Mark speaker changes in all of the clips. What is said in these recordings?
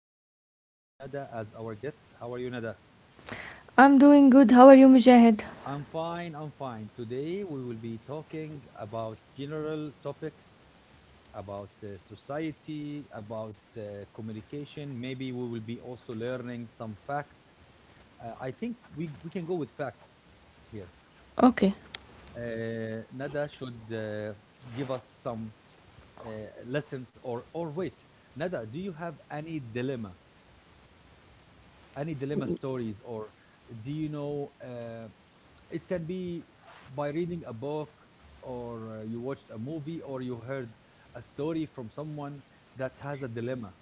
Speaker 1: and we have Nada as our guest. How are you, Nada?
Speaker 2: I'm doing good. How are you, Mujahid?
Speaker 1: I'm fine. I'm fine. Today, we will be talking about general topics about society, about communication. Maybe we will be also learning some facts. I think we can go with facts here.
Speaker 2: Okay.
Speaker 1: Nada should give us some uh, lessons, or wait, Nada, do you have any dilemma stories or do you know it can be by reading a book or you watched a movie or you heard a story from someone that has a dilemma.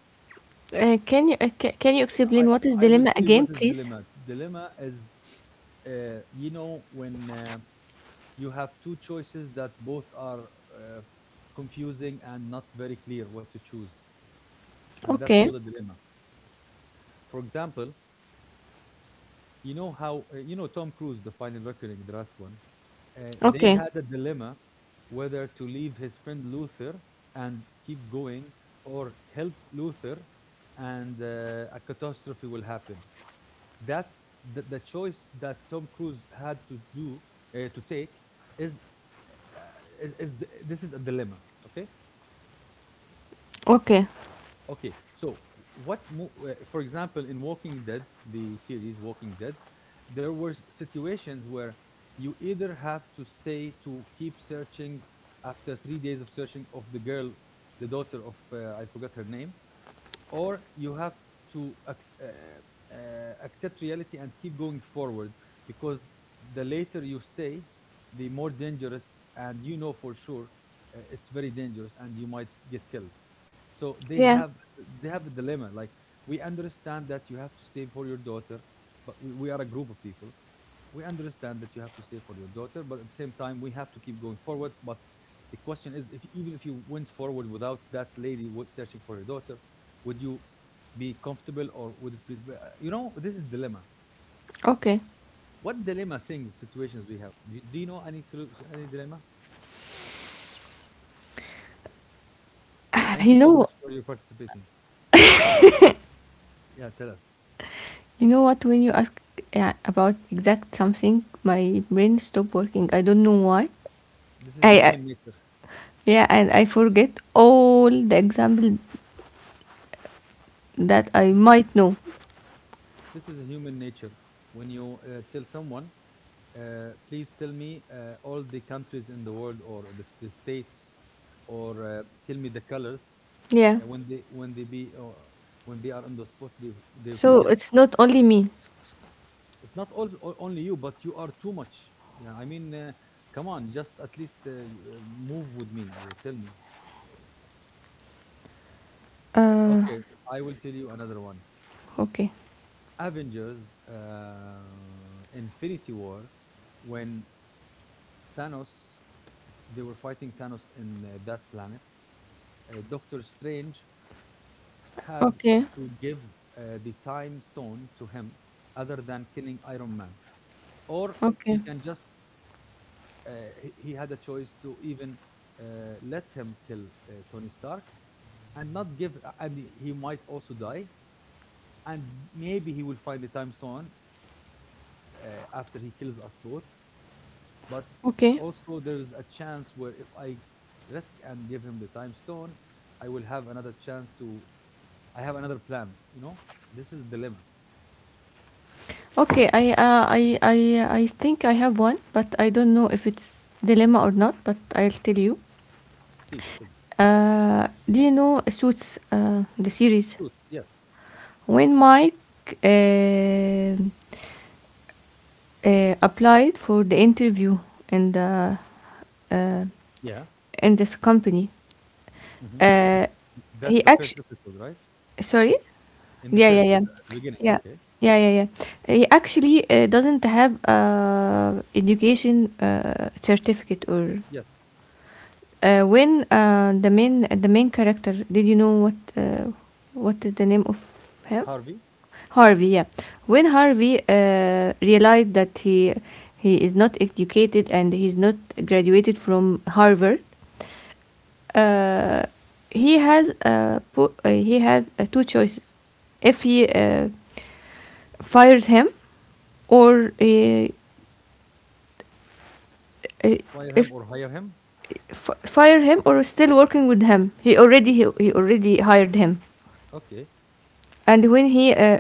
Speaker 2: Can you can you
Speaker 1: i
Speaker 2: explain what is
Speaker 1: i will
Speaker 2: dilemma
Speaker 1: tell you
Speaker 2: again,
Speaker 1: what is
Speaker 2: please?
Speaker 1: dilemma. Dilemma is, when you have two choices that both are uh, confusing and not very clear what to choose, and that's
Speaker 2: Okay.
Speaker 1: called a dilemma. For example, you know, how Tom Cruise, the Final Reckoning, the last one, they
Speaker 2: Okay.
Speaker 1: had a dilemma whether to leave his friend Luther and keep going, or help Luther and a catastrophe will happen. That's the choice that Tom Cruise had to do, to take is, uh, this is a dilemma, okay?
Speaker 2: Okay.
Speaker 1: Okay, so for example, in Walking Dead, the series Walking Dead, there were situations where you either have to stay to keep searching after three days of searching of the girl, the daughter of, I forgot her name, or you have to accept reality and keep going forward, because the later you stay, the more dangerous, and you know for sure it's very dangerous and you might get killed. So they
Speaker 2: Yeah.
Speaker 1: have they have a dilemma, like we understand that you have to stay for your daughter, but we are a group of people. We understand that you have to stay for your daughter, but at the same time, we have to keep going forward. But the question is, if even if you went forward without that lady searching for your daughter, would you be comfortable, or would it be? You know, this is dilemma.
Speaker 2: Okay.
Speaker 1: What dilemma things, situations do you have? Do you know any any dilemma? Thank
Speaker 2: You
Speaker 1: you so
Speaker 2: know,
Speaker 1: much for your participating. Yeah, tell us.
Speaker 2: you know what? When you ask about exact something, my brain stop working. I don't know why.
Speaker 1: This is
Speaker 2: I
Speaker 1: human nature.
Speaker 2: Yeah, and I forget all the example that I might know.
Speaker 1: This is a human nature. When you tell someone, uh, please tell me all the countries in the world or the states, or tell me the colors, uh,
Speaker 2: Yeah.
Speaker 1: when they when they be uh, when they are on the spot, they they
Speaker 2: So
Speaker 1: forget.
Speaker 2: it's not only me.
Speaker 1: It's not all, only you, but you are too much. Yeah, I mean, come on, just at least move with me. Tell me.
Speaker 2: Uh.
Speaker 1: Okay, I will tell you another one.
Speaker 2: Okay.
Speaker 1: Avengers, Infinity War, when Thanos, they were fighting Thanos in that planet. Doctor Strange had
Speaker 2: Okay.
Speaker 1: to give the time stone to him other than killing Iron Man. Or he
Speaker 2: Okay.
Speaker 1: can just, uh, he had a choice to even let him kill Tony Stark and not give, and he might also die. And maybe he will find the time stone after he kills us both. But
Speaker 2: Okay.
Speaker 1: also, there's a chance where if I risk and give him the time stone, I will have another chance to, I have another plan, you know? This is a dilemma.
Speaker 2: Okay, I think I have one, but I don't know if it's dilemma or not. But I'll tell you.
Speaker 1: Please tell me.
Speaker 2: Do you know Suits, the series?
Speaker 1: Suits, yes.
Speaker 2: When Mike uh, applied for the interview in the uh,
Speaker 1: Yeah.
Speaker 2: in this company,
Speaker 1: Hmm.
Speaker 2: uh,
Speaker 1: That's
Speaker 2: he
Speaker 1: the first
Speaker 2: actually.
Speaker 1: episode, right?
Speaker 2: Sorry?
Speaker 1: In the
Speaker 2: Yeah, yeah,
Speaker 1: first, in
Speaker 2: yeah.
Speaker 1: the, at the beginning.
Speaker 2: Yeah.
Speaker 1: Okay.
Speaker 2: Yeah, yeah, yeah. He actually doesn't have education certificate or
Speaker 1: Yes.
Speaker 2: when the main character. Did you know what is the name of him?
Speaker 1: Harvey,
Speaker 2: Harvey, yeah. When Harvey realized that he is not educated and he's not graduated from Harvard, uh, he has he had two choices if he fired him or uh,
Speaker 1: fire him
Speaker 2: if
Speaker 1: or hire him.
Speaker 2: f- fire him or still working with him he already he already hired him,
Speaker 1: Okay.
Speaker 2: and when he uh,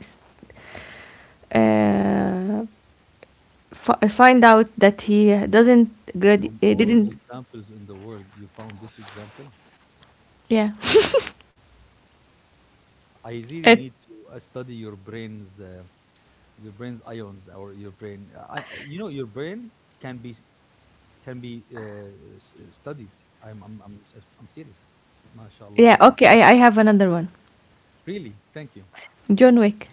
Speaker 2: s- uh, fi- find out that he doesn't grad-
Speaker 1: From all the
Speaker 2: didn't.
Speaker 1: examples in the world, you found this example.
Speaker 2: Yeah.
Speaker 1: I really
Speaker 2: It's
Speaker 1: need to study your brain's ions or your brain. I you know, your brain can be can be studied. I'm serious. MashaAllah,
Speaker 2: yeah.
Speaker 1: yani.
Speaker 2: Okay, I have another one.
Speaker 1: Really, thank you.
Speaker 2: John Wick,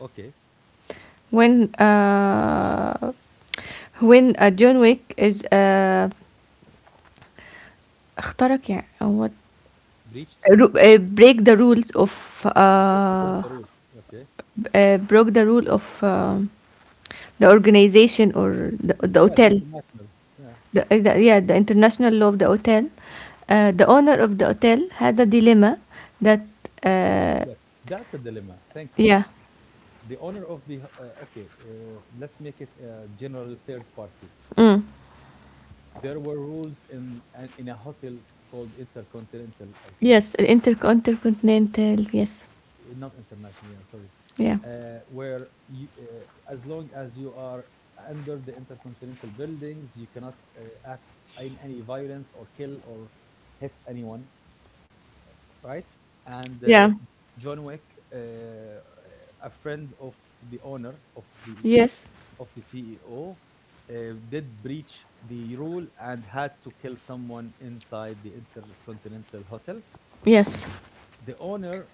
Speaker 1: Okay,
Speaker 2: when uh when John Wick is اخترق يعني what
Speaker 1: breached.
Speaker 2: ru- break the rules of
Speaker 1: Broke the rule. Okay.
Speaker 2: broke the rule of the organization or the
Speaker 1: Yeah, the
Speaker 2: hotel,
Speaker 1: international. Yeah,
Speaker 2: the, yeah, the international law of the hotel, the owner of the hotel had a dilemma that uh,
Speaker 1: yes, that's a dilemma. Thank you.
Speaker 2: yeah.
Speaker 1: The owner of the okay, let's make it a general third party.
Speaker 2: Mm,
Speaker 1: There were rules in in a hotel called Intercontinental, I think,
Speaker 2: yes, inter- intercontinental, yes.
Speaker 1: eh, not international. Yeah, sorry,
Speaker 2: Yeah.
Speaker 1: where you, as long as you are under the Intercontinental buildings, you cannot act in any violence or kill or hit anyone, right? And
Speaker 2: Yeah.
Speaker 1: John Wick, uh, uh, a friend of the owner of the
Speaker 2: Yes.
Speaker 1: of the CEO, did breach the rule and had to kill someone inside the Intercontinental Hotel.
Speaker 2: Yes.
Speaker 1: The owner,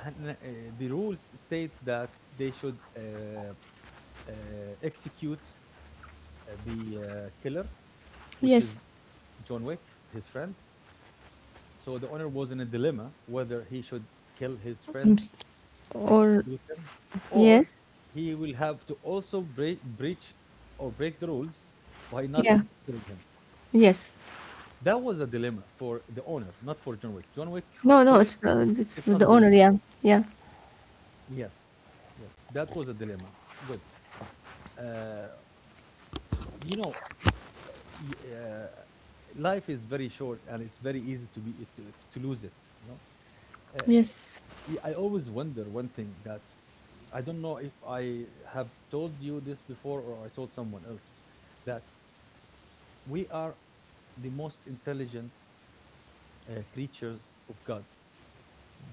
Speaker 1: uh, the rules states that they should execute the killer, which is
Speaker 2: Yes.
Speaker 1: John Wick, his friend. So the owner was in a dilemma whether he should kill his friend,
Speaker 2: Mm, s- or,
Speaker 1: execute them, or
Speaker 2: yes,
Speaker 1: he will have to also breach or break the rules by not
Speaker 2: yeah.
Speaker 1: killing him.
Speaker 2: Yes.
Speaker 1: That was a dilemma for the owner, not for John Wick. John Wick's
Speaker 2: No, no,
Speaker 1: choice
Speaker 2: it's the it's
Speaker 1: is not
Speaker 2: the
Speaker 1: a
Speaker 2: owner,
Speaker 1: dilemma.
Speaker 2: yeah. Yeah.
Speaker 1: Yes, yes, that was a dilemma. Good. Uh, you know, y- uh, life is very short, and it's very easy to be to lose it. You know, uh,
Speaker 2: Yes.
Speaker 1: I always wonder one thing, that I don't know if I have told you this before or I told someone else, that we are the most intelligent creatures of God,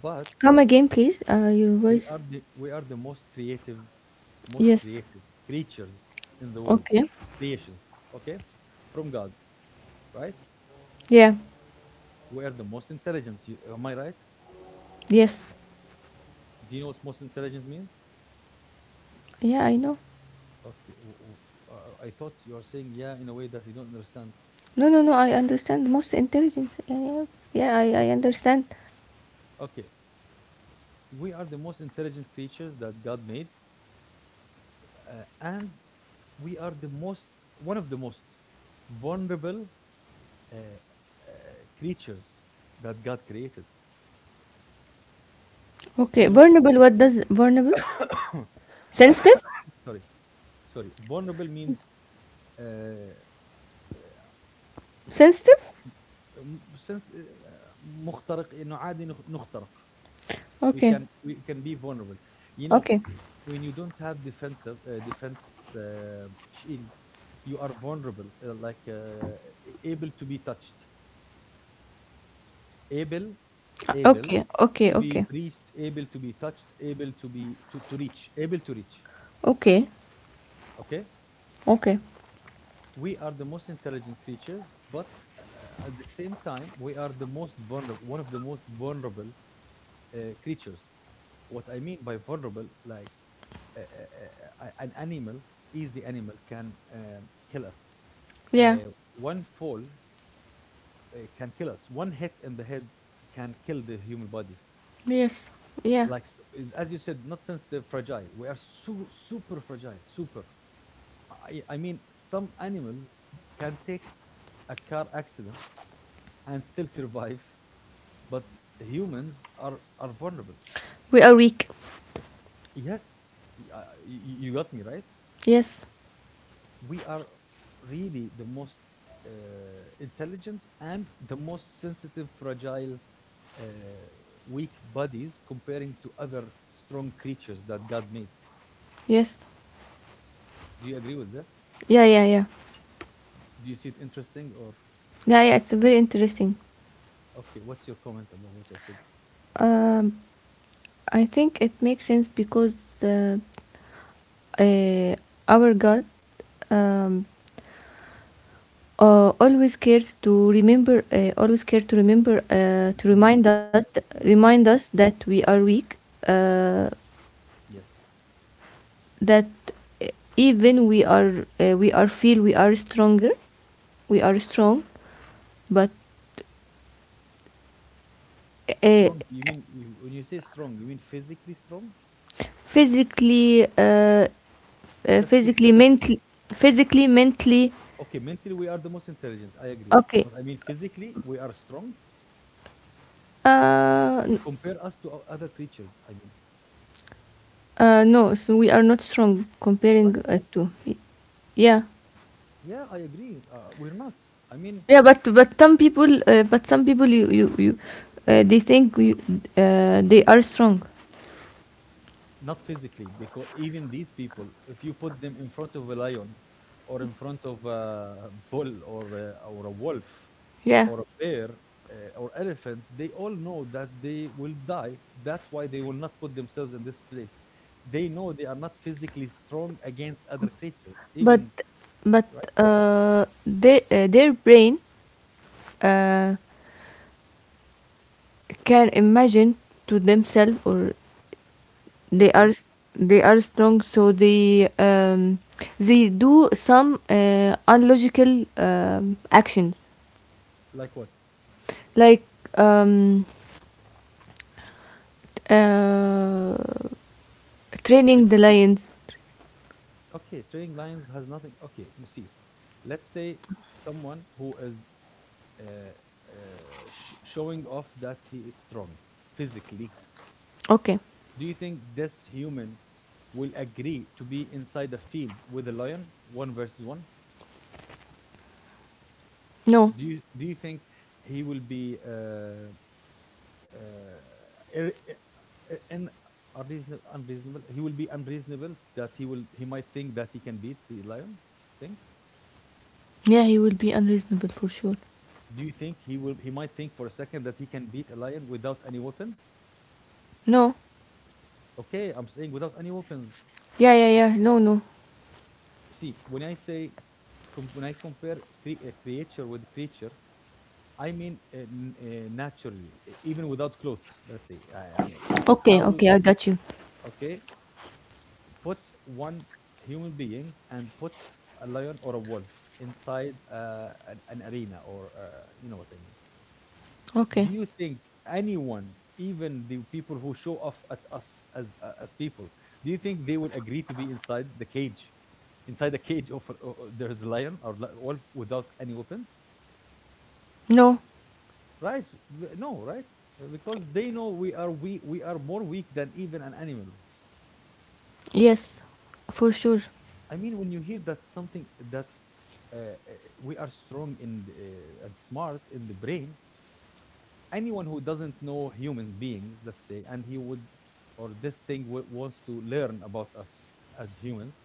Speaker 1: but
Speaker 2: Come again, please. Uh, your voice.
Speaker 1: we are the most
Speaker 2: Yes.
Speaker 1: creative creatures in the world,
Speaker 2: Okay.
Speaker 1: creations. Okay, from God, right?
Speaker 2: Yeah.
Speaker 1: We are the most intelligent. You, am I right?
Speaker 2: Yes.
Speaker 1: Do you know what most intelligent means?
Speaker 2: Yeah, I know.
Speaker 1: Okay, I thought you are saying yeah in a way that you don't understand.
Speaker 2: No, no, no, I understand. Most intelligent. Yeah, yeah, yeah, I
Speaker 1: Okay,
Speaker 2: understand.
Speaker 1: okay. We are the most intelligent creatures that God made, and we are the most one of the most vulnerable uh, creatures that God created.
Speaker 2: Okay.
Speaker 1: You know,
Speaker 2: Vulnerable, what does vulnerable?
Speaker 1: what's-
Speaker 2: Sensitive?
Speaker 1: sorry, sorry. Vulnerable means uh, uh,
Speaker 2: Sensitive?
Speaker 1: since مخترق إنه عادي نخ- نخترق.
Speaker 2: Okay.
Speaker 1: We can be vulnerable. You know,
Speaker 2: Okay.
Speaker 1: when you don't have defensive defense shield, you are vulnerable, like able to be touched, able, able
Speaker 2: Okay. Okay.
Speaker 1: to be
Speaker 2: Okay.
Speaker 1: breached, able to be touched, able to be to reach, able to reach.
Speaker 2: Okay.
Speaker 1: Okay,
Speaker 2: Okay.
Speaker 1: we are the most intelligent creatures, but uh, at the same time, we are the most vulnerable, one of the most vulnerable creatures. What I mean by vulnerable, like an animal, easy animal can kill us.
Speaker 2: Yeah.
Speaker 1: One fall can kill us. One hit in the head can kill the human body.
Speaker 2: Yes. Yeah.
Speaker 1: Like as you said, not sensitive, fragile. We are so super fragile, super. I mean, some animals can take a car accident and still survive, but humans are vulnerable.
Speaker 2: We are weak.
Speaker 1: Yes, you, you got me right.
Speaker 2: Yes.
Speaker 1: We are really the most uh, intelligent and the most sensitive, fragile, uh, weak bodies comparing to other strong creatures that God made.
Speaker 2: Yes.
Speaker 1: Do you agree with this?
Speaker 2: Yeah, yeah, yeah.
Speaker 1: Do you see it interesting, or?
Speaker 2: Yeah, yeah, it's very interesting.
Speaker 1: Okay, what's your comment about what I said?
Speaker 2: Um, I think it makes sense because uh, uh, our God, um, always cares to remember, always care to remember, to
Speaker 1: Remind. Uh,
Speaker 2: remind
Speaker 1: uh,
Speaker 2: us that we are weak, uh,
Speaker 1: yes.
Speaker 2: that uh, even we are feel we are stronger, we are strong, but uh,
Speaker 1: Strong. You mean you, when you say strong, you mean physically strong?
Speaker 2: physically, uh,
Speaker 1: Let's be
Speaker 2: physically,
Speaker 1: specific.
Speaker 2: mentally, physically, mentally,
Speaker 1: Okay, mentally we are the most intelligent. I agree,
Speaker 2: okay.
Speaker 1: but I mean physically we are strong.
Speaker 2: Uh,
Speaker 1: Compare us to other creatures. I mean,
Speaker 2: uh, no, so we are not strong comparing
Speaker 1: right?
Speaker 2: to. Y- yeah,
Speaker 1: Yeah, I agree. We're not. I mean,
Speaker 2: yeah, but some people, you they think you, they are strong.
Speaker 1: not physically, because even these people, if you put them in front of a lion, or in front of a bull, or a wolf,
Speaker 2: Yeah,
Speaker 1: or a bear, or elephant, they all know that they will die. That's why they will not put themselves in this place. They know they are not physically strong against other creatures,
Speaker 2: but
Speaker 1: even,
Speaker 2: but
Speaker 1: right?
Speaker 2: they their brain uh, can imagine to themselves or they are
Speaker 1: Okay,
Speaker 2: s- they are strong, so they do some unlogical, actions
Speaker 1: like what?
Speaker 2: like. Um, Uh,
Speaker 1: We-
Speaker 2: training the lions.
Speaker 1: okay, training lions has nothing. Okay, you see, let's say someone who is uh, showing off that he is strong physically.
Speaker 2: Okay.
Speaker 1: Do you think this human will agree to be inside the field with a lion, one versus one?
Speaker 2: No.
Speaker 1: Do you think he will be uh, ir- ir- in unreasonable, unreasonable? He will be unreasonable, that he will he might think that he can beat the lion. You think?
Speaker 2: Yeah, he will be unreasonable for sure.
Speaker 1: Do you think he will he might think for a second that he can beat a lion without any weapons?
Speaker 2: No.
Speaker 1: Okay, I'm saying without any weapons.
Speaker 2: Yeah, yeah, yeah. No, no.
Speaker 1: See, when I say when I compare creature with creature, I mean naturally, even without clothes. Let's say, I mean,
Speaker 2: Okay,
Speaker 1: how
Speaker 2: okay, I got you.
Speaker 1: okay put one human being and put a lion or a wolf inside an arena or you know what I mean.
Speaker 2: Okay.
Speaker 1: Do you think anyone, even the people who show off at us as at people, do you think they will agree to be inside the cage, inside the cage of there's a lion or wolf without any weapons?
Speaker 2: No.
Speaker 1: Right. No, right. Because they know we are more weak than even an animal.
Speaker 2: Yes. For sure.
Speaker 1: I mean, when you hear that something, that uh, uh, we are strong in the, and smart in the brain. Anyone who doesn't know human beings, let's say, and he would, or this thing wants to learn about us as humans,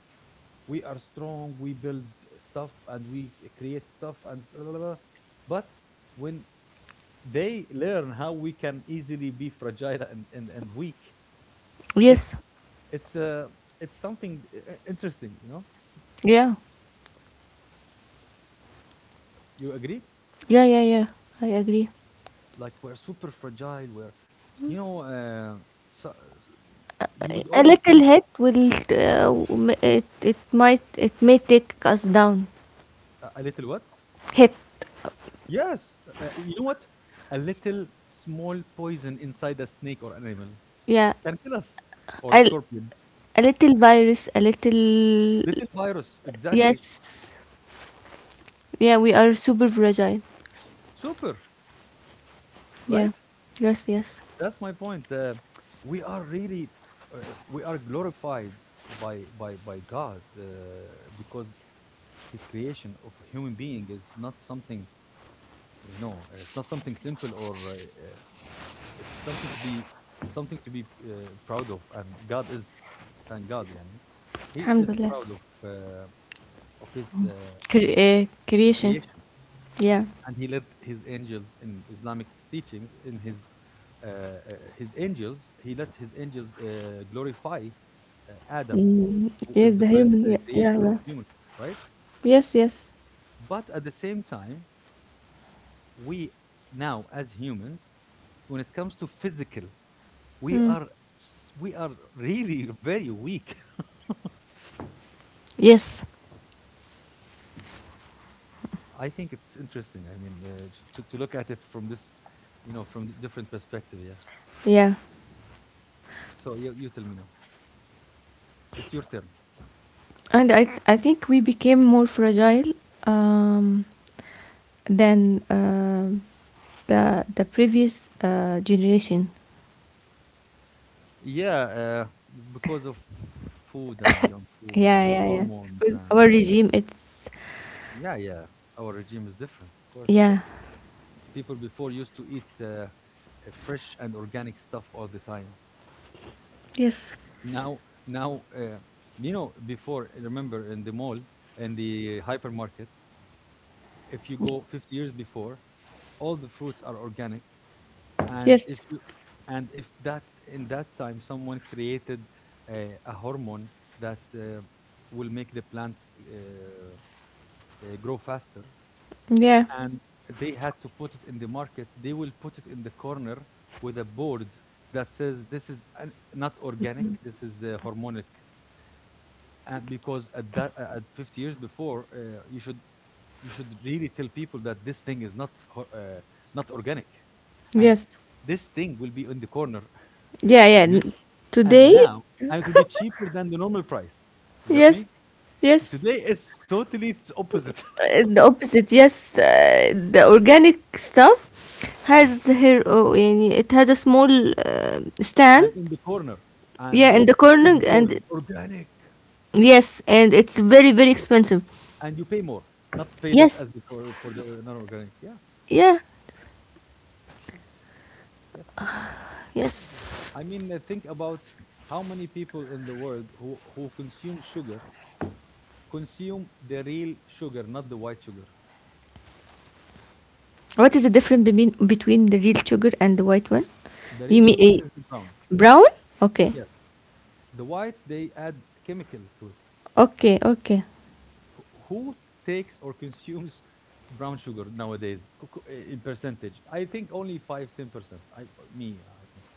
Speaker 1: we are strong. We build stuff and we create stuff and blah, blah, blah. But when they learn how we can easily be fragile and weak,
Speaker 2: Yes.
Speaker 1: it's it's uh, it's something interesting. You know,
Speaker 2: Yeah.
Speaker 1: you agree?
Speaker 2: Yeah, yeah, yeah. I agree.
Speaker 1: Like, we're super fragile, we're, you know uh, so, you
Speaker 2: A-
Speaker 1: would
Speaker 2: a
Speaker 1: always
Speaker 2: little
Speaker 1: think
Speaker 2: hit will m- it might, it may take us down.
Speaker 1: a little what?
Speaker 2: Hit.
Speaker 1: Yes. You know what, a little small poison inside a snake or animal
Speaker 2: Yeah.
Speaker 1: can kill us, or
Speaker 2: A,
Speaker 1: a scorpion.
Speaker 2: a little virus, a little,
Speaker 1: Little virus exactly.
Speaker 2: yes. Yeah, we are super fragile.
Speaker 1: Super.
Speaker 2: Yeah.
Speaker 1: Right.
Speaker 2: Yes, yes.
Speaker 1: That's my point. We are really, we are glorified by by God. Because his creation of a human being is not something, it's not something simple or it's something to be proud of, and God is, thank God, yani, he is
Speaker 2: Alhamdulillah.
Speaker 1: proud of, uh, of his,
Speaker 2: Cre- creation.
Speaker 1: creation.
Speaker 2: Yeah.
Speaker 1: And he let his angels in Islamic teachings, in his, uh, his angels, he let his angels glorify Adam,
Speaker 2: Mm,
Speaker 1: who
Speaker 2: yes,
Speaker 1: is the
Speaker 2: the
Speaker 1: first
Speaker 2: human. Yeah, yeah,
Speaker 1: creation of
Speaker 2: yeah.
Speaker 1: humans, right?
Speaker 2: Yes, yes.
Speaker 1: But at the same time, we now as humans, when it comes to physical, we
Speaker 2: Mm.
Speaker 1: are, we are really very weak.
Speaker 2: Yes.
Speaker 1: I think it's interesting. I mean, to look at it from this, you know, from the different perspective. Yeah.
Speaker 2: Yeah.
Speaker 1: So you tell me now, it's your turn.
Speaker 2: And I think we became more fragile, um, than, um, the previous generation.
Speaker 1: Yeah. Because of food and junk food
Speaker 2: Yeah,
Speaker 1: and
Speaker 2: yeah, yeah.
Speaker 1: hormones.
Speaker 2: With our
Speaker 1: And
Speaker 2: regime, it's
Speaker 1: yeah, yeah, our regime is different, of course.
Speaker 2: yeah.
Speaker 1: People before used to eat fresh and organic stuff all the time.
Speaker 2: Yes.
Speaker 1: Now, you know, before, remember, in the mall, in the hypermarket, if you go 50 years before, all the fruits are organic. And
Speaker 2: Yes.
Speaker 1: if you, and if that in that time someone created a hormone that will make the plant grow faster.
Speaker 2: Yeah.
Speaker 1: And they had to put it in the market, they will put it in the corner with a board that says, this is not organic, this is hormonic. And because at that, at 50 years before, you should really tell people that this thing is not organic. And
Speaker 2: Yes.
Speaker 1: this thing will be in the corner.
Speaker 2: Yeah, yeah. N-
Speaker 1: And
Speaker 2: today,
Speaker 1: now, and it will be cheaper than the normal price. You got me?
Speaker 2: yes, yes.
Speaker 1: Today it's totally, it's opposite.
Speaker 2: The opposite, yes, the organic stuff has here, oh يعني it had a small stand.
Speaker 1: And in the corner, and
Speaker 2: Yeah, in
Speaker 1: the
Speaker 2: the corner,
Speaker 1: big
Speaker 2: and
Speaker 1: board, organic,
Speaker 2: yes, and it's very, very expensive.
Speaker 1: and you pay more, not pay less
Speaker 2: Yes.
Speaker 1: as before, for the non-organic. Yeah.
Speaker 2: Yeah.
Speaker 1: Yes.
Speaker 2: Yes.
Speaker 1: I mean, think about how many people in the world who consume sugar, consume the real sugar, not the white sugar.
Speaker 2: What is the difference between the real sugar and the white one?
Speaker 1: The
Speaker 2: You
Speaker 1: real
Speaker 2: mean a
Speaker 1: sugar is the brown.
Speaker 2: brown. Okay.
Speaker 1: Yes. The white, they add chemical to it.
Speaker 2: Okay. Okay.
Speaker 1: Who takes or consumes brown sugar nowadays, in percentage? I think only five, 10%, I think.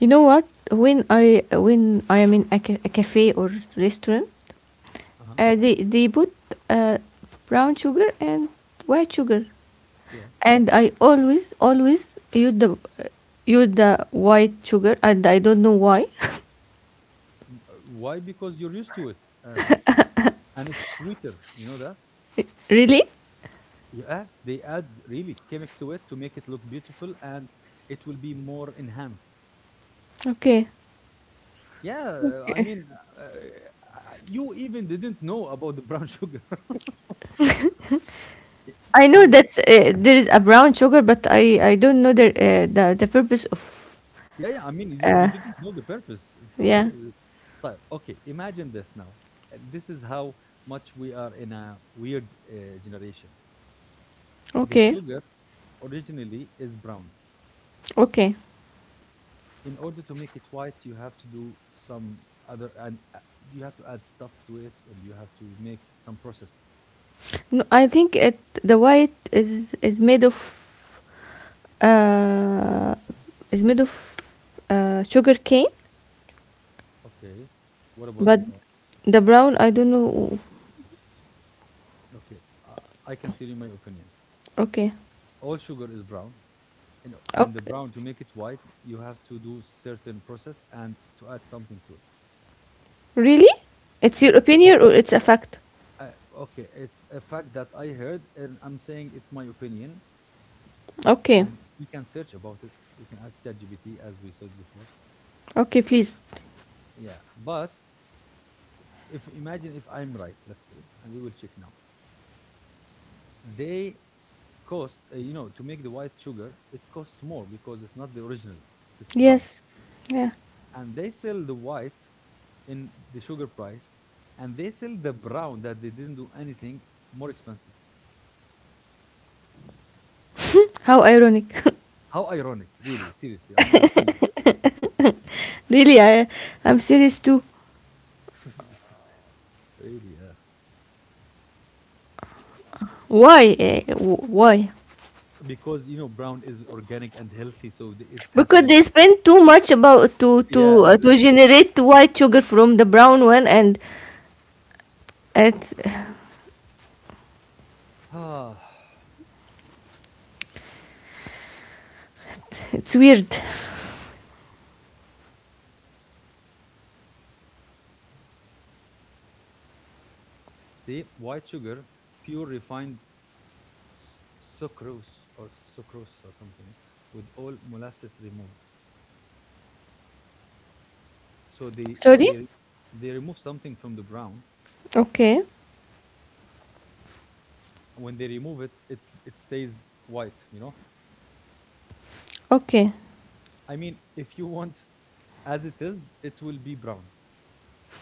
Speaker 2: You know what, when I am in a, ca- a cafe or restaurant,
Speaker 1: Uh-huh.
Speaker 2: They put uh, brown sugar and white sugar,
Speaker 1: Yeah.
Speaker 2: and I always always use the white sugar, and I don't know why.
Speaker 1: Why? Because you're used to it. And it's sweeter, you know that?
Speaker 2: Really?
Speaker 1: Yes, they add really chemic to it to make it look beautiful, and it will be more enhanced.
Speaker 2: Okay.
Speaker 1: Yeah, I
Speaker 2: Okay.
Speaker 1: mean, uh, you even didn't know about the brown sugar.
Speaker 2: I
Speaker 1: I
Speaker 2: know
Speaker 1: and
Speaker 2: that there is a brown sugar, but I don't know the purpose of.
Speaker 1: yeah, yeah, I mean, you,
Speaker 2: Uh,
Speaker 1: you didn't know the purpose. Of
Speaker 2: yeah.
Speaker 1: course. Of طيب, okay. Imagine this now. And this is how much we are in a weird generation. The
Speaker 2: Okay.
Speaker 1: sugar originally is brown.
Speaker 2: Okay.
Speaker 1: In order to make it white, you have to do some other, and you have to add stuff to it, and you have to make some process.
Speaker 2: No, I think it, the white is made of uh is made of sugar cane.
Speaker 1: Okay. What about the
Speaker 2: But
Speaker 1: brown?
Speaker 2: the brown, I don't know.
Speaker 1: Okay. I can tell you my opinion.
Speaker 2: Okay.
Speaker 1: All sugar is brown. You know, and the
Speaker 2: Okay.
Speaker 1: brown, to make it white, you have to do certain process and to add something to it.
Speaker 2: Really? It's your
Speaker 1: Yes.
Speaker 2: opinion or it's a fact?
Speaker 1: Okay, it's a fact that I heard, and I'm saying it's my opinion,
Speaker 2: Okay.
Speaker 1: and we can search about it. We can ask ChatGPT as we said before.
Speaker 2: Okay, please.
Speaker 1: Yeah. But if imagine if I'm right, let's say, and we will check now. They cost, to make the white sugar, it costs more because it's not the original. If it's brown,
Speaker 2: Yes. Yeah.
Speaker 1: and they sell the white in the sugar price, and they sell the brown that they didn't do anything, more expensive.
Speaker 2: How ironic.
Speaker 1: How ironic, really, seriously, I'm serious.
Speaker 2: Really, I'm serious too.
Speaker 1: Really. Yeah. Right.
Speaker 2: Why? Eh, wh- why?
Speaker 1: Because, you know, brown is organic and healthy, so it has to
Speaker 2: Because
Speaker 1: be.
Speaker 2: they spend too much about to
Speaker 1: Yeah,
Speaker 2: to
Speaker 1: exactly.
Speaker 2: generate white sugar from the brown one, and it's
Speaker 1: Ah,
Speaker 2: it's weird.
Speaker 1: see, white sugar, pure refined, s- sucrose, or sucrose or something, with all molasses removed. So
Speaker 2: Sorry.
Speaker 1: they they remove something from the brown.
Speaker 2: Okay.
Speaker 1: When they remove it, it stays white. You know,
Speaker 2: Okay.
Speaker 1: I mean, if you want as it is, it will be brown.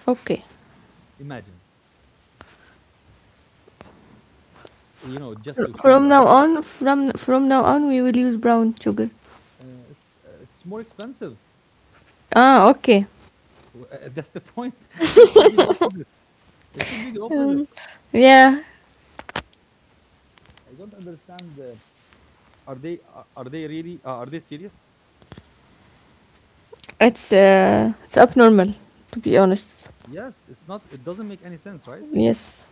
Speaker 2: Okay.
Speaker 1: Imagine, you know, just
Speaker 2: Fr-
Speaker 1: to
Speaker 2: from now
Speaker 1: summarize,
Speaker 2: on, from now on, we will use brown sugar.
Speaker 1: it's more expensive.
Speaker 2: Ah, okay.
Speaker 1: That's the point, and it should be the opposite. It should be the opposite.
Speaker 2: Um, yeah,
Speaker 1: I don't understand. Are they, are they really, are they serious?
Speaker 2: it's abnormal, to be honest.
Speaker 1: Yes, it's not. It doesn't make any sense, right?
Speaker 2: Yes.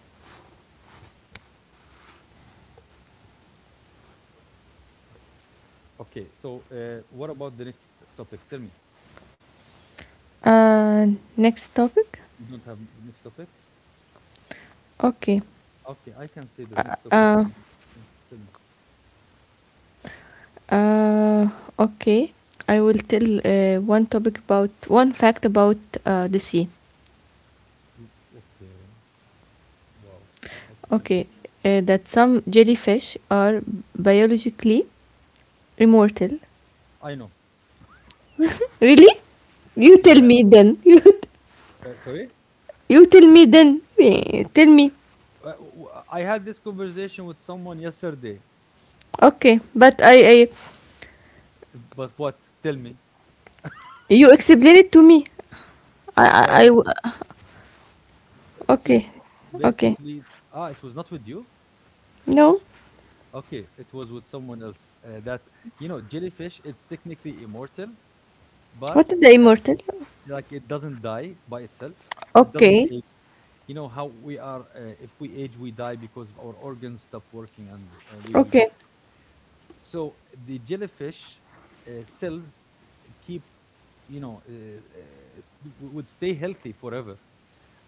Speaker 1: Okay, so what about the next topic? Tell me.
Speaker 2: Uh, next topic.
Speaker 1: You don't have the next topic?
Speaker 2: Okay.
Speaker 1: Okay, I can say the
Speaker 2: Uh,
Speaker 1: next topic if
Speaker 2: uh,
Speaker 1: you. Yeah, tell me.
Speaker 2: uh, okay. I will tell, one topic about one fact about the sea.
Speaker 1: W- Okay. Wow. How to connect.
Speaker 2: Okay, that some jellyfish are biologically immortal.
Speaker 1: I know.
Speaker 2: Really? You tell
Speaker 1: Yeah.
Speaker 2: me then. You
Speaker 1: Sorry?
Speaker 2: you tell me then. Eh, tell me.
Speaker 1: I had this conversation with someone yesterday.
Speaker 2: Okay, but I
Speaker 1: But what? Tell me.
Speaker 2: you explain it to me. I,
Speaker 1: Uh,
Speaker 2: I, I-
Speaker 1: See,
Speaker 2: okay, okay.
Speaker 1: basically, ah, it was not with you.
Speaker 2: No,
Speaker 1: Okay, it was with someone else. That, you know, jellyfish, it's technically immortal, but
Speaker 2: what is the
Speaker 1: uh,
Speaker 2: immortal?
Speaker 1: like, it doesn't die by itself. It doesn't
Speaker 2: Okay,
Speaker 1: age. You know how we are. If we age, we die because our organs stop working, and we will get
Speaker 2: okay.
Speaker 1: sick. So the jellyfish, cells keep, would stay healthy forever,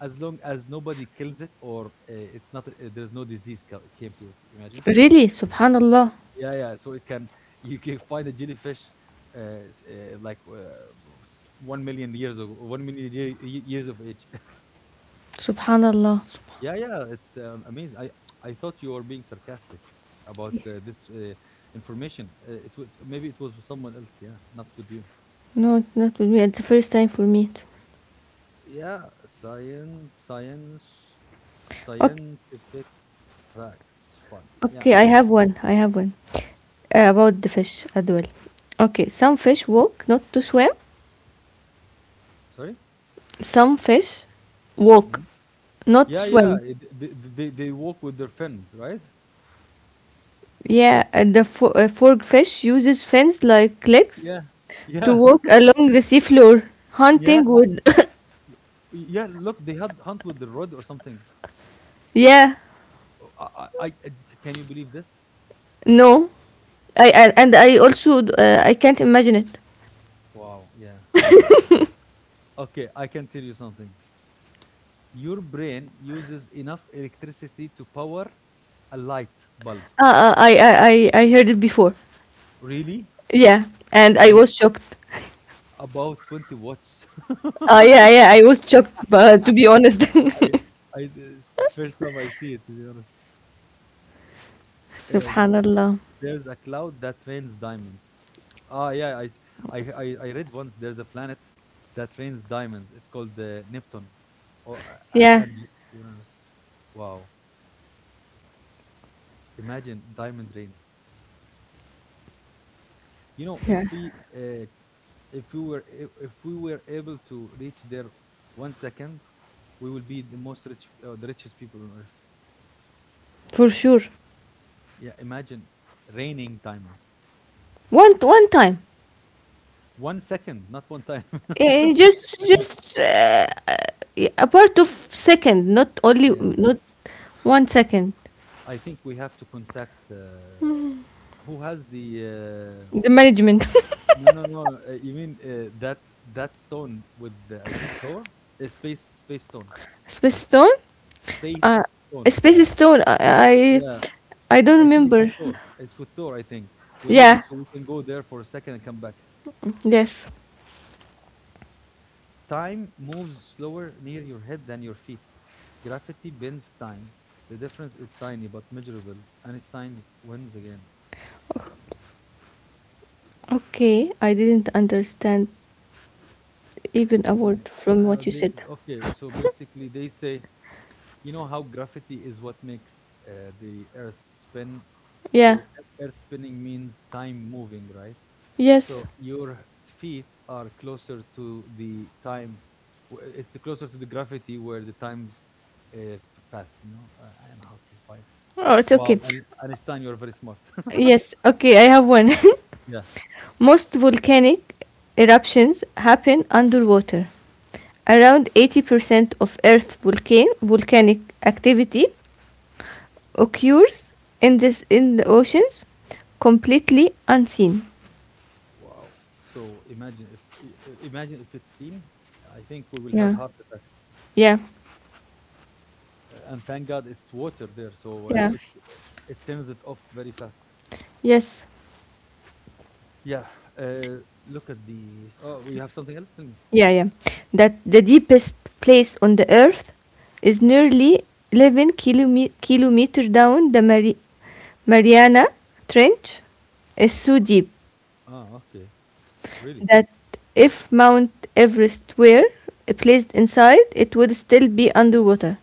Speaker 1: as long as nobody kills it or it's not, there's no disease came to it, imagine.
Speaker 2: Really, Subhanallah,
Speaker 1: Yeah, yeah, so it can, you can find a jellyfish, uh, like, 1 million years, of 1 million years of age.
Speaker 2: Subhanallah, Subhanallah.
Speaker 1: Yeah, yeah, it's amazing. I thought you were being sarcastic about, this, information, it would, maybe it was with someone else. Yeah, not with you.
Speaker 2: No, it's not with me. It's the first time for me.
Speaker 1: Yeah, science
Speaker 2: Okay,
Speaker 1: scientific facts fun. Yeah,
Speaker 2: okay. I
Speaker 1: tell me.
Speaker 2: have one. I have one about the fish as well. Okay, some fish
Speaker 1: Okay.
Speaker 2: walk, not to swim.
Speaker 1: Sorry?
Speaker 2: Some fish walk,
Speaker 1: Mhm.
Speaker 2: not
Speaker 1: Yeah, yeah,
Speaker 2: swim.
Speaker 1: they walk with their fins, right?
Speaker 2: Yeah, and the fo- fork fish uses fins like legs
Speaker 1: Yeah.
Speaker 2: to
Speaker 1: Yeah.
Speaker 2: walk along the seafloor
Speaker 1: Yeah,
Speaker 2: hunting wood.
Speaker 1: yeah, look, they had hunt with the rod or something.
Speaker 2: Yeah.
Speaker 1: Oh, I, can you believe this?
Speaker 2: No, I, I and I also I can't imagine it.
Speaker 1: Wow, yeah. Okay, I can tell you something. Your brain uses enough electricity to power a light bulb.
Speaker 2: I heard it before.
Speaker 1: Really?
Speaker 2: Yeah, and I
Speaker 1: I,
Speaker 2: was shocked.
Speaker 1: about 20 watts.
Speaker 2: Yeah, yeah, I was shocked, but to be honest.
Speaker 1: I I this first time I see it, to be honest. Uh,
Speaker 2: Subhanallah.
Speaker 1: there's a cloud that rains diamonds. Ah, yeah, I I read once there's a planet that rains diamonds. It's called Neptune, or
Speaker 2: Yeah,
Speaker 1: and Uranus. Wow, imagine diamond rain. You know,
Speaker 2: yeah,
Speaker 1: if we if we were able to reach there 1 second, we will be the most rich, the richest people on earth.
Speaker 2: for sure.
Speaker 1: Yeah, imagine raining diamond.
Speaker 2: One one time.
Speaker 1: 1 second, not one time.
Speaker 2: Eh,
Speaker 1: 1 second.
Speaker 2: just a part of second, not only
Speaker 1: Yeah.
Speaker 2: not 1 second.
Speaker 1: I think we have to contact who has the
Speaker 2: The management.
Speaker 1: no, no, no. You mean that stone with the, I think Thor, space stone,
Speaker 2: Swiss stone. Uh,
Speaker 1: space stone.
Speaker 2: Space Stone. I
Speaker 1: Yeah,
Speaker 2: I don't
Speaker 1: I think it's with
Speaker 2: remember.
Speaker 1: Thor. It's with Thor. I think we need it
Speaker 2: Yeah.
Speaker 1: so we can go there for a second and come back.
Speaker 2: Yes.
Speaker 1: Time moves slower near your head than your feet. Gravity bends time. The difference is tiny but measurable. Einstein wins again.
Speaker 2: Okay. I didn't understand even a
Speaker 1: Yeah.
Speaker 2: word from what you
Speaker 1: They,
Speaker 2: said.
Speaker 1: okay. So basically, they say, you know how gravity is what makes the Earth spin.
Speaker 2: Yeah.
Speaker 1: So Earth spinning means time moving, right?
Speaker 2: Yes.
Speaker 1: So your feet are closer to the time. It's the closer to the gravity where the times pass. You know. I know. Okay, fine.
Speaker 2: Oh, it's
Speaker 1: Wow,
Speaker 2: okay.
Speaker 1: Einstein, you're very smart.
Speaker 2: Yes. Okay. I have one.
Speaker 1: Yeah.
Speaker 2: Most volcanic eruptions happen underwater. Around 80% of Earth volcan- volcanic activity occurs in the oceans, completely unseen.
Speaker 1: Wow. So imagine if imagine if it's seen, I think we will have
Speaker 2: Yeah.
Speaker 1: heart attacks.
Speaker 2: Yeah.
Speaker 1: And thank God it's water there, so
Speaker 2: Yeah.
Speaker 1: it turns it off very fast.
Speaker 2: Yes.
Speaker 1: Yeah. Uh, Look at these. Oh, you have something else? Tell me.
Speaker 2: Yeah, yeah. That the deepest place on the earth is nearly 11 kilome- kilometer down the Mari- Mariana Trench is so deep
Speaker 1: Ah, okay. Really?
Speaker 2: that if Mount Everest were placed inside, it would still be underwater.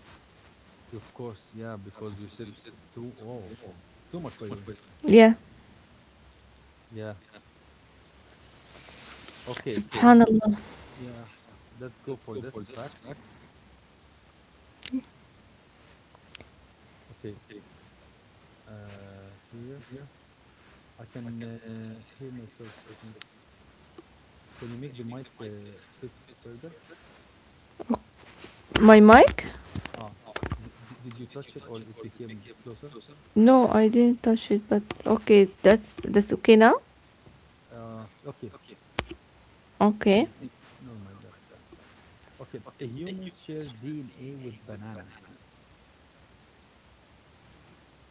Speaker 1: Of course. Yeah, because you said it's too. Oh, it's too much, by the way.
Speaker 2: Yeah.
Speaker 1: Yeah. Okay. Now,
Speaker 2: Subhanallah.
Speaker 1: yeah. Let's go for this fact. Okay. Here I can hear myself, I think. Can you make the mic a bit further?
Speaker 2: My mic?
Speaker 1: Ah, did, did you touch it or it became closer?
Speaker 2: No, I didn't touch it, but okay, that's okay now.
Speaker 1: Okay.
Speaker 2: Okay.
Speaker 1: Same. Oh, oh, never mind. That's fine. Okay. Humans share DNA with bananas,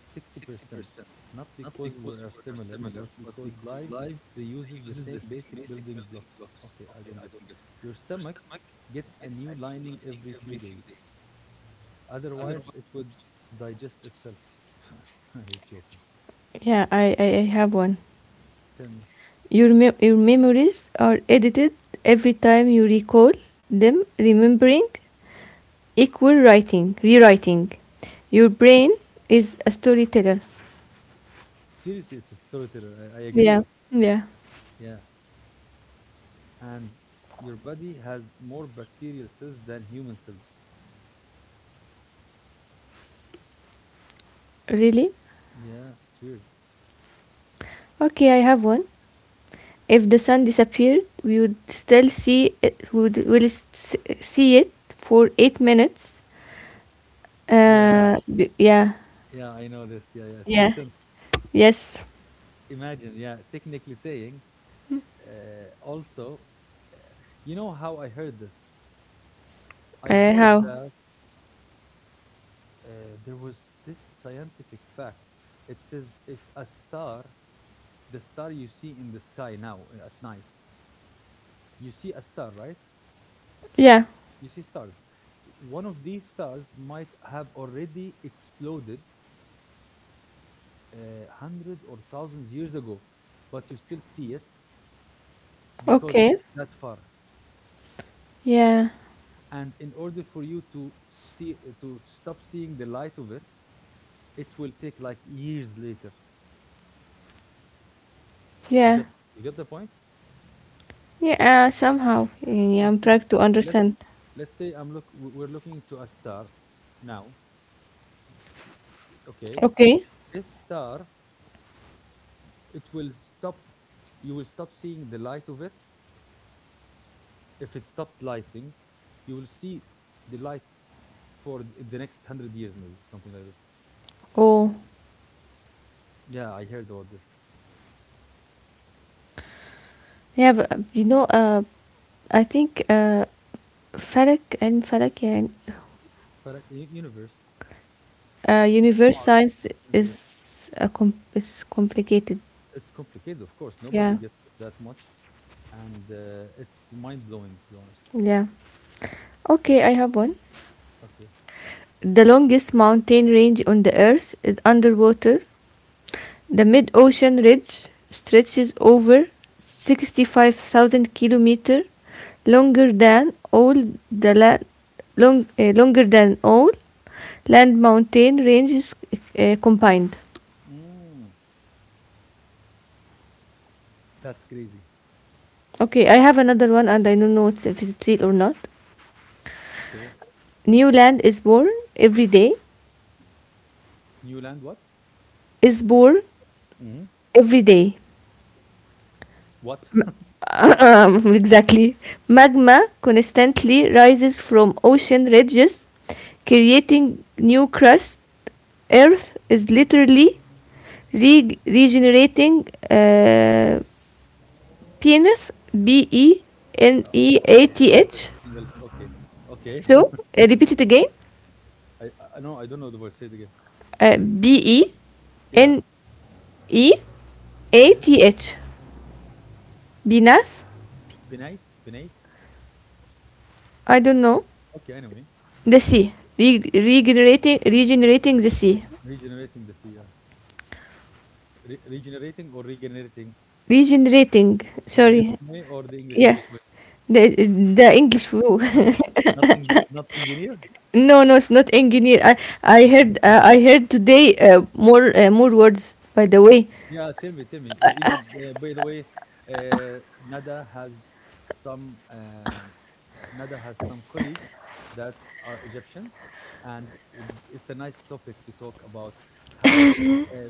Speaker 1: 60%. Not because we are similar, but because life reuses the same basic building blocks. Okay, I don't get it. Your stomach gets a new lining every few days. Otherwise, it would digest itself. He's joking.
Speaker 2: Yeah, I have one.
Speaker 1: Tell me.
Speaker 2: Your, mem- your memories are edited every time you recall them, remembering equal writing, rewriting. Your brain is a storyteller.
Speaker 1: Seriously, it's a storyteller. I agree
Speaker 2: Yeah,
Speaker 1: with.
Speaker 2: yeah.
Speaker 1: Yeah. And your body has more bacterial cells than human cells.
Speaker 2: Really?
Speaker 1: Yeah, it's weird.
Speaker 2: Okay, I have one. If the sun disappeared, we would still see it, would will s- see it for 8 minutes.
Speaker 1: Yeah,
Speaker 2: B- yeah,
Speaker 1: yeah, I know this. Yeah, yeah, it makes
Speaker 2: yeah,
Speaker 1: sense.
Speaker 2: yes.
Speaker 1: Imagine, yeah, technically saying, also, uh, you know how I heard this? I heard
Speaker 2: How?
Speaker 1: that uh, there was this scientific fact. It says if a star, the star you see in the sky now at night, you see a star, right?
Speaker 2: Yeah.
Speaker 1: You see stars. One of these stars might have already exploded hundred or thousands years ago, but you still see it because
Speaker 2: Okay.
Speaker 1: it's that far.
Speaker 2: Yeah.
Speaker 1: And in order for you to see to stop seeing the light of it, it will take like years later. You
Speaker 2: Yeah.
Speaker 1: got you got the point.
Speaker 2: Yeah, somehow. Yeah, I'm
Speaker 1: Yeah,
Speaker 2: trying to
Speaker 1: okay. let's
Speaker 2: understand.
Speaker 1: let's say we're looking to a star now. Okay,
Speaker 2: Okay.
Speaker 1: this star, it will stop, you will stop seeing the light of it. If it stopped lighting, you will see the light for in the next 100 years, maybe something like this.
Speaker 2: Oh,
Speaker 1: Yeah, I heard about this.
Speaker 2: yeah, but, you know, I think Falak and Falak, yeah, and,
Speaker 1: For universe,
Speaker 2: universe
Speaker 1: Mars,
Speaker 2: science
Speaker 1: universe.
Speaker 2: is a com is complicated.
Speaker 1: It's complicated, of course. Nobody
Speaker 2: Yeah,
Speaker 1: gets it that much, and it's mind blowing, to be honest.
Speaker 2: yeah. Okay, I have one.
Speaker 1: Okay.
Speaker 2: The longest mountain range on the earth is underwater. The mid-ocean ridge stretches over 65,000 kilometer, longer than all the land, long, longer than all land mountain ranges combined.
Speaker 1: Mm, that's crazy.
Speaker 2: Okay, I have another one, and I don't know if it's real or not.
Speaker 1: Okay.
Speaker 2: New land is born every day,
Speaker 1: New land? What?
Speaker 2: is born
Speaker 1: Hmm.
Speaker 2: every day.
Speaker 1: What?
Speaker 2: Uh, Um, exactly. Magma constantly rises from ocean ridges, creating new crust. Earth is literally re- regenerating penis, B E N
Speaker 1: Uh,
Speaker 2: E A
Speaker 1: okay.
Speaker 2: T H.
Speaker 1: Something else. Okay. Okay.
Speaker 2: So, repeat it again
Speaker 1: I I know. I don't know the word. Say it again.
Speaker 2: B E
Speaker 1: Yeah.
Speaker 2: N E A
Speaker 1: Okay.
Speaker 2: T H. Venus?
Speaker 1: Pinate. Pinate.
Speaker 2: I don't know.
Speaker 1: Okay. Anyway,
Speaker 2: The sea. Re- regenerating, regenerating the sea.
Speaker 1: regenerating the sea. Yeah. Regenerating or regenerating
Speaker 2: Regenerating.
Speaker 1: the
Speaker 2: Sorry.
Speaker 1: Egyptian way or the English
Speaker 2: Yeah.
Speaker 1: way?
Speaker 2: The the English flu.
Speaker 1: Not in, not engineer.
Speaker 2: No, no, it's not engineer. I heard, I heard today, more words. By the way,
Speaker 1: Yeah, tell me, tell me. You know, by the way, uh, Nada has some uh, uh, Nada has some colleagues that are Egyptians, and would- it's a nice topic to talk about how uh,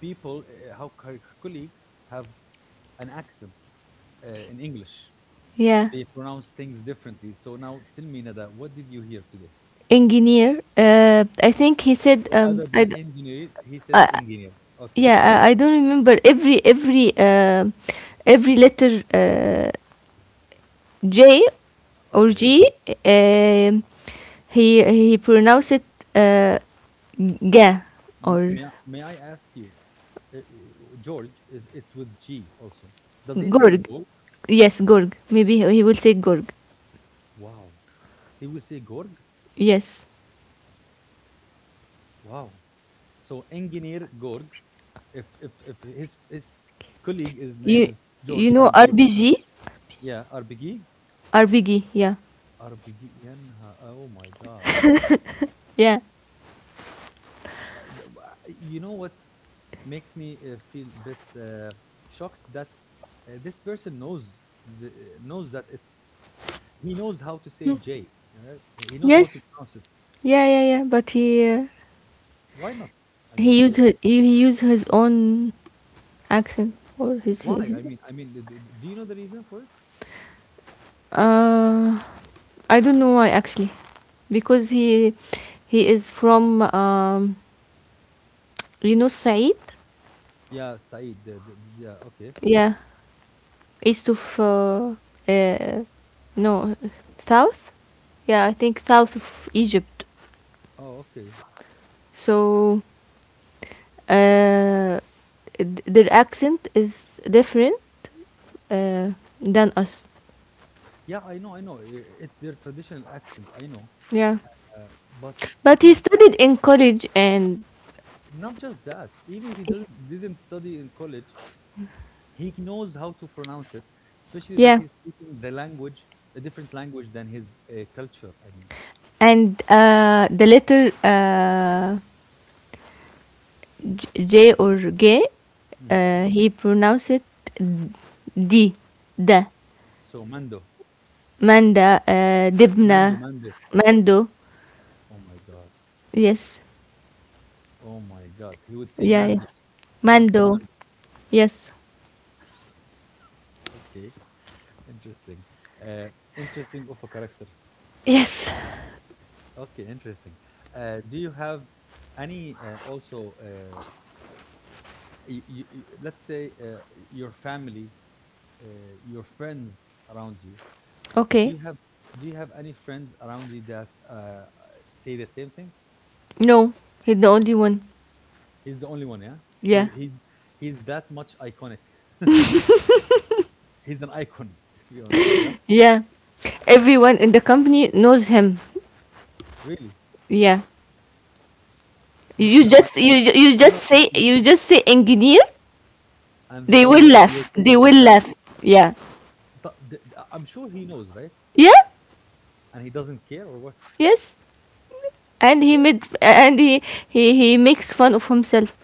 Speaker 1: people, how colleagues have an accent in English.
Speaker 2: yeah,
Speaker 1: They pronounce things differently. So now, tell me, Nada, what did you hear today?
Speaker 2: engineer. I think he said,
Speaker 1: So
Speaker 2: um,
Speaker 1: other than engineer, he says
Speaker 2: I-
Speaker 1: engineer. Okay,
Speaker 2: yeah, I don't remember every letter, J or
Speaker 1: okay.
Speaker 2: G. Um, he pronounced it, uh, ga, or
Speaker 1: May I ask you, uh, uh, George, is it's with G also. Does he say
Speaker 2: Gurg.
Speaker 1: Gorg?
Speaker 2: Yes, Gurg. Maybe he will say Gurg.
Speaker 1: Wow. He will say Gorg?
Speaker 2: Yes.
Speaker 1: Wow. So engineer Gorg, if his colleague, his name
Speaker 2: You
Speaker 1: is
Speaker 2: you
Speaker 1: George
Speaker 2: know
Speaker 1: and he's
Speaker 2: RBG?
Speaker 1: yeah, Arbigi?
Speaker 2: RBG, yeah.
Speaker 1: Arbigi Yanha. Oh my God.
Speaker 2: Yeah.
Speaker 1: Uh, You know what makes me feel a bit shocked that this person knows knows that it's he knows how to say J. Right? He knows how to
Speaker 2: Yes.
Speaker 1: pronounce it.
Speaker 2: Yeah, yeah, yeah. But he,
Speaker 1: Why not? I mean,
Speaker 2: he used
Speaker 1: wh-
Speaker 2: his, he used his own accent or
Speaker 1: why?
Speaker 2: his
Speaker 1: I mean, do you know the reason for it?
Speaker 2: uh, I don't know why actually. Because he is from, um, you know Said?
Speaker 1: Yeah, Said. Yeah, okay.
Speaker 2: Yeah. East of uh no, south? Yeah, I think south of Egypt.
Speaker 1: Oh, okay.
Speaker 2: So uh, th- their accent is different uh, than us.
Speaker 1: Yeah, I know, I know. It's their traditional accent. I know,
Speaker 2: Yeah,
Speaker 1: but you
Speaker 2: but he
Speaker 1: know,
Speaker 2: studied in college and
Speaker 1: not just that. Even if he doesn't didn't study in college, he knows how to pronounce it. Especially that
Speaker 2: yeah,
Speaker 1: he's speaking the language, a different language than his culture. I mean,
Speaker 2: and the letter, J or G,
Speaker 1: mhm.
Speaker 2: he pronounced it D, da,
Speaker 1: So Mando,
Speaker 2: manda, dibna,
Speaker 1: Mando, Mando.
Speaker 2: mando.
Speaker 1: Oh my God.
Speaker 2: Yes,
Speaker 1: Oh my God. He would say
Speaker 2: yeah, yeah,
Speaker 1: Mando. I want some
Speaker 2: mando.
Speaker 1: Mando.
Speaker 2: Yes,
Speaker 1: Okay. Interesting. Uh, interesting of a character.
Speaker 2: yes.
Speaker 1: Okay. Interesting. Do you have any also, let's say your family, uh, your friends around you? Do
Speaker 2: Okay,
Speaker 1: you have do you have any friends around you that say the same thing?
Speaker 2: no, he's the only one.
Speaker 1: He's the only one, yeah. So
Speaker 2: Yeah.
Speaker 1: he's that much iconic. He's an icon, to be honest. Yeah,
Speaker 2: Yeah. Everyone in the company knows him.
Speaker 1: really.
Speaker 2: Yeah.
Speaker 1: No,
Speaker 2: You
Speaker 1: no, like
Speaker 2: just you
Speaker 1: no,
Speaker 2: just
Speaker 1: no.
Speaker 2: say
Speaker 1: You,
Speaker 2: engineer,
Speaker 1: and they
Speaker 2: they
Speaker 1: all
Speaker 2: will
Speaker 1: know, "Hey, you're
Speaker 2: laugh.
Speaker 1: talking
Speaker 2: They
Speaker 1: about
Speaker 2: will
Speaker 1: that."
Speaker 2: laugh. Yeah.
Speaker 1: Th- I'm sure he knows, right?
Speaker 2: Yeah.
Speaker 1: And he doesn't care or what?
Speaker 2: Yes. And he
Speaker 1: What?
Speaker 2: made and he makes fun of himself.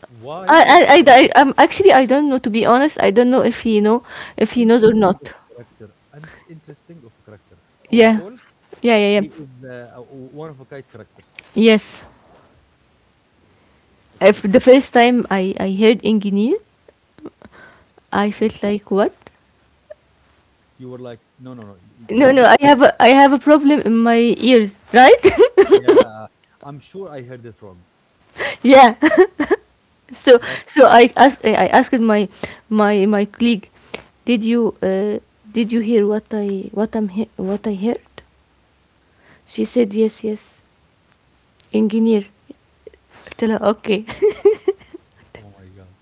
Speaker 1: Why
Speaker 2: I I, I,
Speaker 1: the
Speaker 2: I actually I don't know, to be honest. I don't know if he knows or
Speaker 1: interesting of
Speaker 2: not.
Speaker 1: a character? And interesting of a character
Speaker 2: Yeah.
Speaker 1: overall.
Speaker 2: Yeah, yeah,
Speaker 1: He
Speaker 2: yeah.
Speaker 1: is one of a kind character.
Speaker 2: Yes.
Speaker 1: Okay,
Speaker 2: If the first time I heard engineer, I
Speaker 1: you
Speaker 2: felt like what?
Speaker 1: you were like, no, no, no. You,
Speaker 2: No,
Speaker 1: you
Speaker 2: no,
Speaker 1: must.
Speaker 2: I have a problem in my ears, right?
Speaker 1: Yeah, I'm sure I heard it wrong,
Speaker 2: Yeah. So
Speaker 1: but
Speaker 2: so I asked, I asked my my colleague, did you, did you hear what I'm he- what I heard? She said yes, yes. Engineer. I tell her okay.
Speaker 1: oh my god,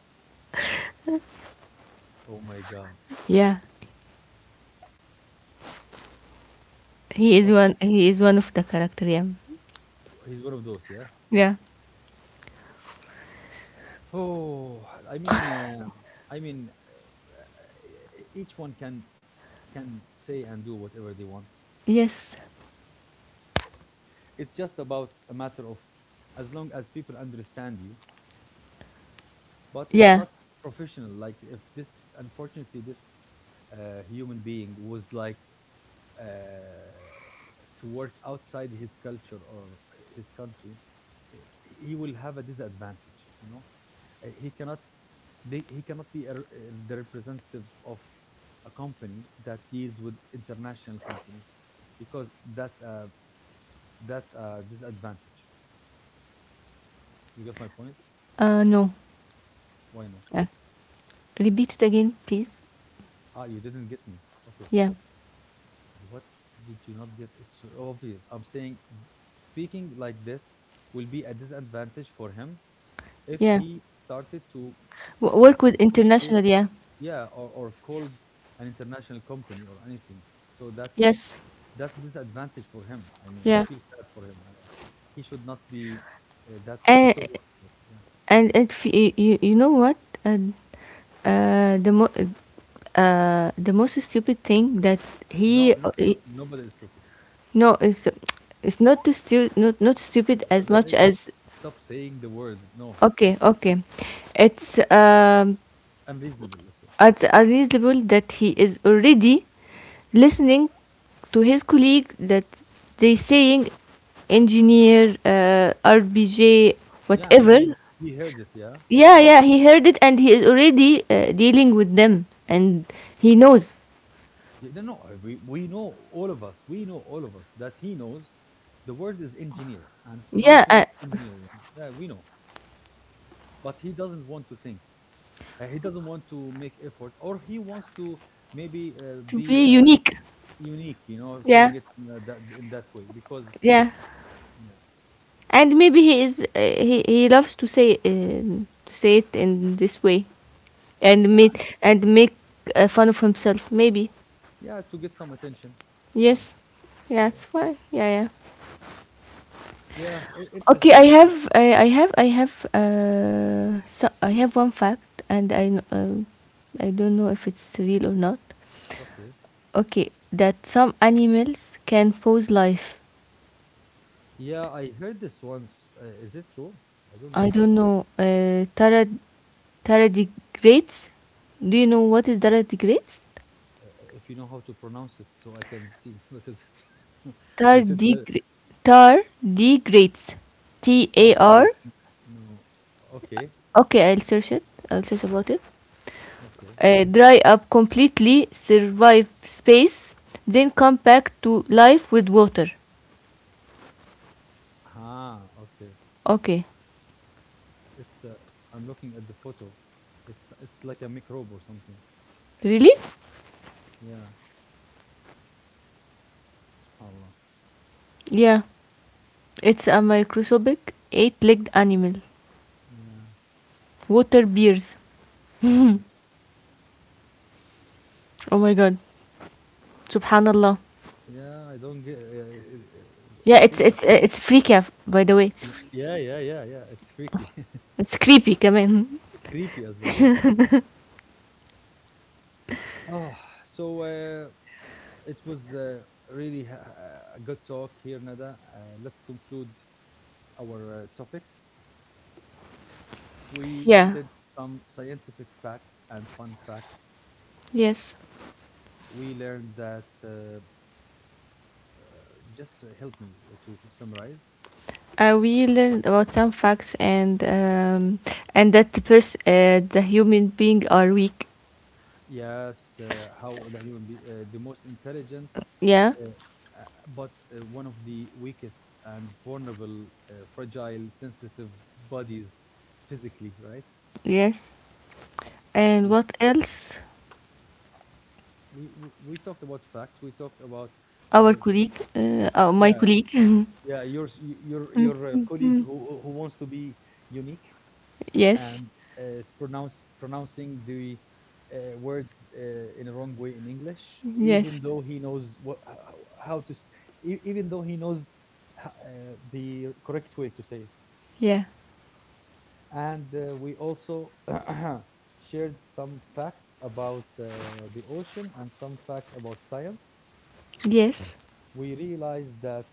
Speaker 1: oh my god.
Speaker 2: Yeah.
Speaker 1: Okay,
Speaker 2: He is one of the character. Yeah.
Speaker 1: he's one of those. Yeah.
Speaker 2: Yeah.
Speaker 1: Oh, I mean, each one can say and do whatever they want.
Speaker 2: Yes.
Speaker 1: It's just about a matter of as long as people understand you, but it's
Speaker 2: Yeah.
Speaker 1: not professional. Like if this, unfortunately, this human being was like uh, to work outside his culture or his country, eh, he will have a disadvantage. You know, he cannot, he cannot be a the representative of a company that deals with international companies because that's a disadvantage. You got my point?
Speaker 2: Uh, no.
Speaker 1: Why no?
Speaker 2: Yeah. Repeat it again, please.
Speaker 1: Ah, you didn't get me. Okay,
Speaker 2: Yeah.
Speaker 1: what did you not get? It's so obvious. I'm saying speaking like this will be a disadvantage for him if
Speaker 2: Yeah.
Speaker 1: he started to
Speaker 2: W-
Speaker 1: uh,
Speaker 2: work with
Speaker 1: communicate,
Speaker 2: international. Yeah.
Speaker 1: yeah, or called an international company or anything. So
Speaker 2: Yes.
Speaker 1: that's disadvantage for him. I mean, I
Speaker 2: Yeah.
Speaker 1: feel sad for him. He should not be that
Speaker 2: Uh,
Speaker 1: stubborn about it, yeah.
Speaker 2: and it fe- you know what, uh, uh, the mo- the most stupid thing that
Speaker 1: No, no, no,
Speaker 2: he-
Speaker 1: nobody is stupid.
Speaker 2: no it's not too stu- not not stupid as
Speaker 1: Uh, uh,
Speaker 2: much as,
Speaker 1: Stop saying the word. No.
Speaker 2: okay,
Speaker 1: Okay.
Speaker 2: okay, it's um,
Speaker 1: Unreasonable. Let's say.
Speaker 2: it's unreasonable that he is already listening to his colleague that they saying engineer, rbj,
Speaker 1: Yeah. I
Speaker 2: whatever.
Speaker 1: mean, he heard it. Yeah.
Speaker 2: Yeah,
Speaker 1: Okay.
Speaker 2: yeah, he heard it and he is already dealing with them and he knows.
Speaker 1: Yeah, no, no. We know all of us. We know all of us that he knows. The word is engineer and
Speaker 2: Yeah,
Speaker 1: pronouncing it engineer. Yeah. Yeah. We know. But he doesn't want to think. He doesn't want to make effort, or he wants to maybe
Speaker 2: to
Speaker 1: be
Speaker 2: be unique.
Speaker 1: unique, you know,
Speaker 2: Yeah,
Speaker 1: saying it in that in that way because
Speaker 2: yeah.
Speaker 1: yeah,
Speaker 2: And maybe he is he loves to say, to say it in this way and
Speaker 1: yeah,
Speaker 2: make, and make fun of himself maybe.
Speaker 1: yeah, to get some attention, it's fine.
Speaker 2: Yes.
Speaker 1: Yeah,
Speaker 2: Yeah,
Speaker 1: yeah,
Speaker 2: it's fine. Yeah, yeah.
Speaker 1: yeah.
Speaker 2: Okay,
Speaker 1: Interesting.
Speaker 2: I have uh, so I have one fact and I kn- I don't know if it's real or not.
Speaker 1: Okay.
Speaker 2: Okay, that some animals can pose life.
Speaker 1: Yeah, I heard this once. Is it true? I don't
Speaker 2: I
Speaker 1: get it.
Speaker 2: don't know. Tarad- tardigrades. Do you know what is tardigrades?
Speaker 1: If you know how to pronounce it, so I can see what is it. You said the
Speaker 2: Tardigra- tardigrades. T
Speaker 1: third
Speaker 2: A R.
Speaker 1: degree. No. Okay.
Speaker 2: Okay, I'll search it. I'll search about it.
Speaker 1: Okay.
Speaker 2: Dry up completely, survive space, then come back to life with water.
Speaker 1: Ah. Okay.
Speaker 2: Okay.
Speaker 1: It's. I'm looking at the photo. It's. It's like a microbe or something.
Speaker 2: Really?
Speaker 1: Yeah. Subhanallah.
Speaker 2: Yeah. It's a microscopic eight-legged animal.
Speaker 1: Yeah.
Speaker 2: Water bears.
Speaker 1: Oh my.
Speaker 2: Oh my god. Subhanallah.
Speaker 1: Yeah, I don't get yeah,
Speaker 2: Yeah, it's
Speaker 1: things are
Speaker 2: it's freaky af-, by the way. It's, fr-,
Speaker 1: yeah, yeah, yeah, yeah. It's freaky,
Speaker 2: it's creepy كمان.
Speaker 1: creepy as well. Yes. Oh, so it was really ha- a good talk here, Nada. Let's conclude our topics. We
Speaker 2: Yeah.
Speaker 1: said some scientific facts and fun facts.
Speaker 2: Yes.
Speaker 1: We learned that. Uh, just help me to summarize.
Speaker 2: We learned about some facts and, and that the pers-, the human being are weak.
Speaker 1: Yes, how the human be the most intelligent,
Speaker 2: Yeah.
Speaker 1: uh, uh, but one of the weakest and vulnerable, fragile, sensitive bodies physically, right?
Speaker 2: Yes. And
Speaker 1: Yeah,
Speaker 2: what else?
Speaker 1: we talked about facts. We talked about
Speaker 2: Our
Speaker 1: uh, s-
Speaker 2: colleague, my
Speaker 1: yeah
Speaker 2: colleague.
Speaker 1: yeah your your your colleague who wants to be unique,
Speaker 2: Yes.
Speaker 1: and pronounce pronouncing the words in a wrong way in English, even
Speaker 2: Yes.
Speaker 1: though he knows what how to even though he knows the correct way to say it.
Speaker 2: Yeah.
Speaker 1: And we also shared some facts about the ocean and some facts about science.
Speaker 2: Yes.
Speaker 1: We realized that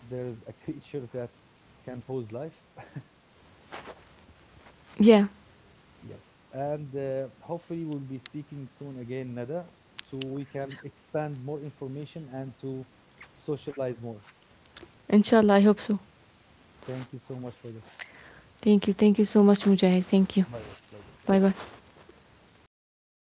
Speaker 1: there is a creature that can pose life.
Speaker 2: Yeah.
Speaker 1: Yes, and hopefully we'll be speaking soon again, Nada, so we can expand more information and to socialize more.
Speaker 2: Inshallah, I hope so.
Speaker 1: Thank you so much for this.
Speaker 2: Thank you. Thank you so much, Mujahid. Thank you.
Speaker 1: Bye bye. Bye bye. Thank
Speaker 2: Bye
Speaker 1: you.
Speaker 2: bye.